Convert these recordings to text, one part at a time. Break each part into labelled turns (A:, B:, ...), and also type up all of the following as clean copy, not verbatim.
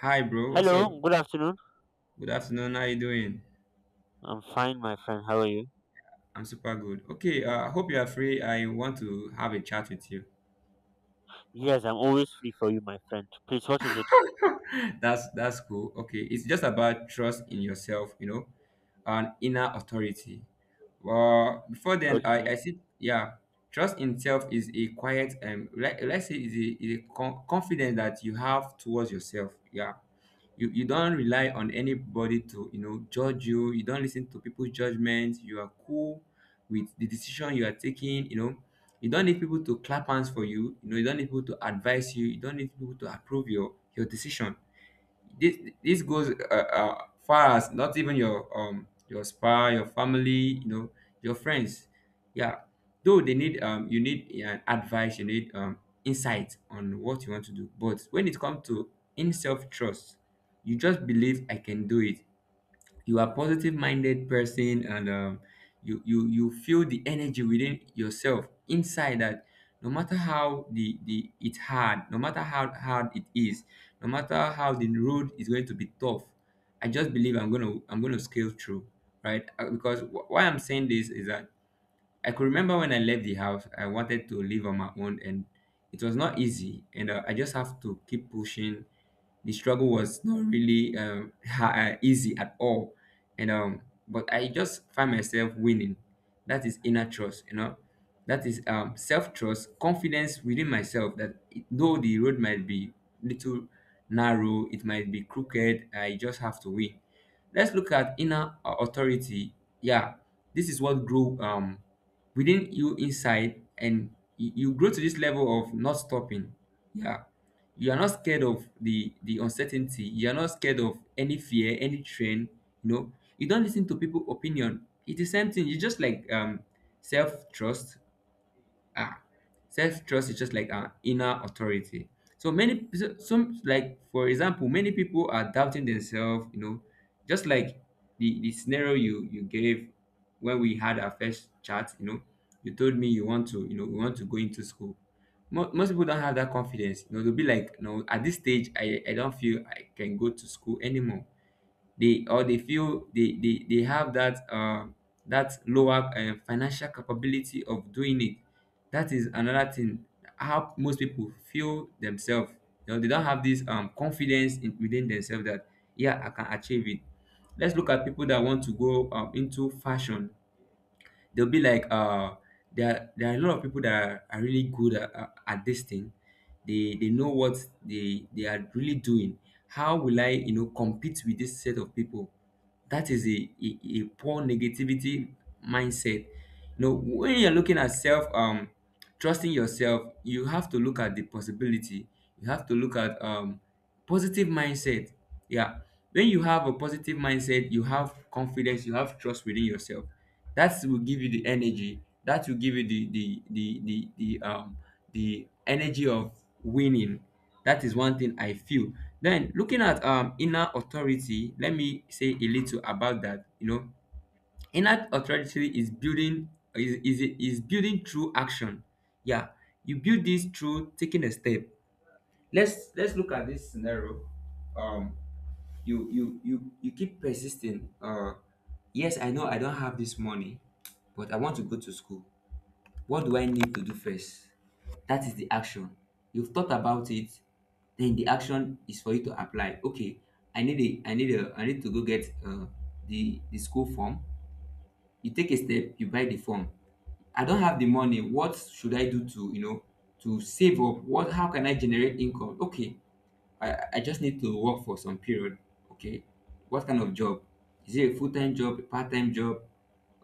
A: Hi, bro. What's up?
B: Hello, good afternoon.
A: Good afternoon. How you doing?
B: I'm fine, my friend. How are you?
A: I'm super good. Okay. I hope you are free. I want to have a chat with you.
B: Yes, I'm always free for you, my friend. Please, what is it?
A: That's cool. Okay. It's just about trust in yourself, you know, and inner authority. Well, before then, I
B: Okay.
A: see. Yeah, trust in self is a quiet Let's say is confidence that you have towards yourself. Yeah, you don't rely on anybody to, you know, judge you. You don't listen to people's judgments. You are cool with the decision you are taking, you know. You don't need people to clap hands for you, you know. You don't need people to advise you. You don't need people to approve your decision. This this goes far as not even your spa your family, you know, your friends. Yeah, though they need you need advice, you need insight on what you want to do. But when it comes to in self trust, you just believe I can do it. You are positive minded person, and you feel the energy within yourself inside that, no matter how the it's hard no matter how hard it is, no matter how the road is going to be tough, I just believe I'm gonna scale through. Right. Why I'm saying this is that I could remember when I left the house, I wanted to live on my own, and it was not easy. And I just have to keep pushing. The struggle was not really easy at all, and but I just find myself winning. That is inner trust, you know. That is self trust, confidence within myself that though the road might be little narrow, it might be crooked, I just have to win. Let's look at inner authority. Yeah, this is what grow within you inside. And you grow to this level of not stopping. Yeah, you are not scared of the uncertainty. You are not scared of any fear, any trend, you know. You don't listen to people opinion. It's the same thing. You just like self-trust. Ah, self trust is just like an inner authority. So many some, like, for example, many people are doubting themselves, you know, just like the scenario you gave when we had our first chat, you know. You told me you want to, you know, you want to go into school. Most people don't have that confidence, you know. They'll be like, no, at this stage I don't feel I can go to school anymore. They, or they feel they have that that lower financial capability of doing it. That is another thing. How most people feel themselves, you know. They don't have this confidence within themselves that, yeah, I can achieve it. Let's look at people that want to go into fashion. They'll be like, there are a lot of people that are really good at, at this thing. They know what they are really doing. How will I, you know, compete with this set of people? That is a poor negativity mindset. You know, when you're looking at self, trusting yourself, you have to look at the possibility. You have to look at positive mindset. Yeah, when you have a positive mindset, you have confidence, you have trust within yourself, that will give you the energy, that will give you the um the energy of winning. That is one thing I feel. Then looking at inner authority, let me say a little about that, you know. Inner authority is building, is building through action. Yeah, you build this through taking a step. Let's look at this scenario. um you keep persisting. Yes, I know I don't have this money, but I want to go to school. What do I need to do first? That is the action. You've thought about it. Then the action is for you to apply. Okay, I need to go get the school form. You take a step, you buy the form. I don't have the money, what should I do to, you know, to save up? What How can I generate income? Okay, I just need to work for some period. Okay. What kind of job? Is it a full time job, a part time job?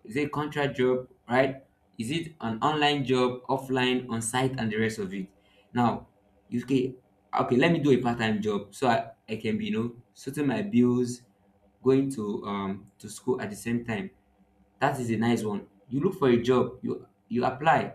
A: Is it a contract job, right? Is it an online job, offline, on site, and the rest of it? Now, you okay, okay, let me do a part time job so I can be, you know, sorting my bills, going to school at the same time. That is a nice one. You look for a job, you apply,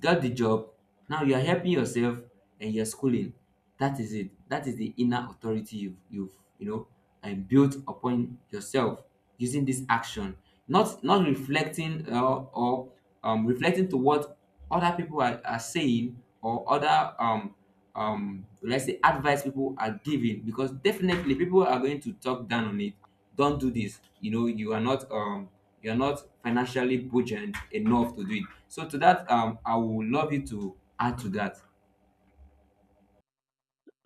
A: got the job. Now you are helping yourself and you're schooling. That is it. That is the inner authority you've you know and built upon yourself using this action. Not reflecting or reflecting to what other people are saying, or other let's say advice people are giving, because definitely people are going to talk down on it. Don't do this, you know. You are not you're not financially buoyant enough to do it. So to that, I would love you to add to that.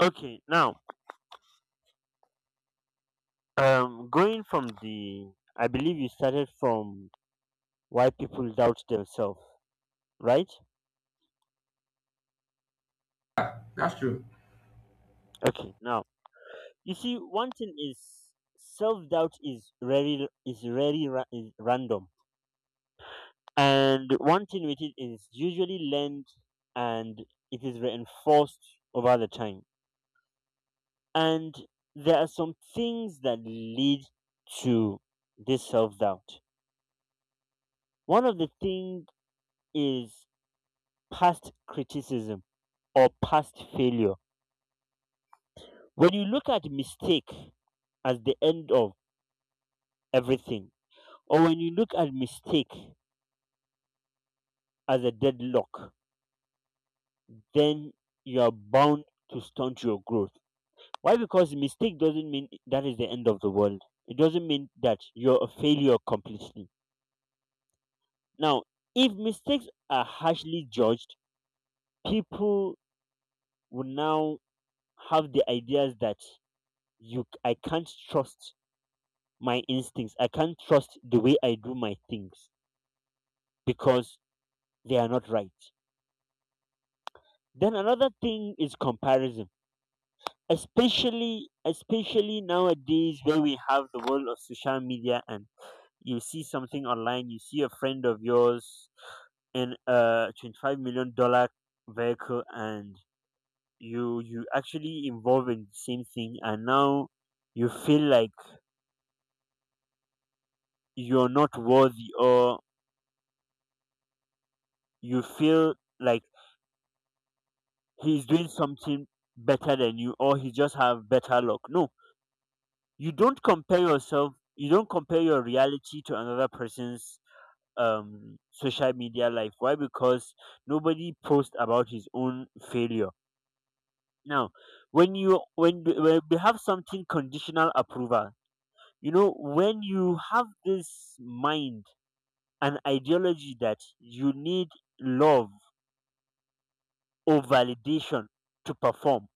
B: Okay, now, going from the, I believe you started from why people doubt themselves, right?
A: That's true.
B: Okay, now, you see, one thing is self-doubt is is random. And one thing with it is usually learned and it is reinforced over the time. And there are some things that lead to this self doubt. One of the things is past criticism or past failure. When you look at mistake as the end of everything, or when you look at mistake as a deadlock, then you are bound to stunt your growth. Why? Because mistake doesn't mean that is the end of the world. It doesn't mean that you're a failure completely. Now, if mistakes are harshly judged, people will now have the ideas that you I can't trust my instincts. I can't trust the way I do my things because they are not right. Then another thing is comparison. Especially nowadays, where we have the world of social media, and you see something online, you see a friend of yours in a $25 million vehicle, and you actually involve in the same thing, and now you feel like you're not worthy, or you feel like he's doing something better than you, or he just have better luck. No, you don't compare yourself, you don't compare your reality to another person's, um, social media life. Why? Because nobody posts about his own failure. Now, when you when we have something conditional approval, you know, when you have this mind, an ideology that you need love or validation to perform.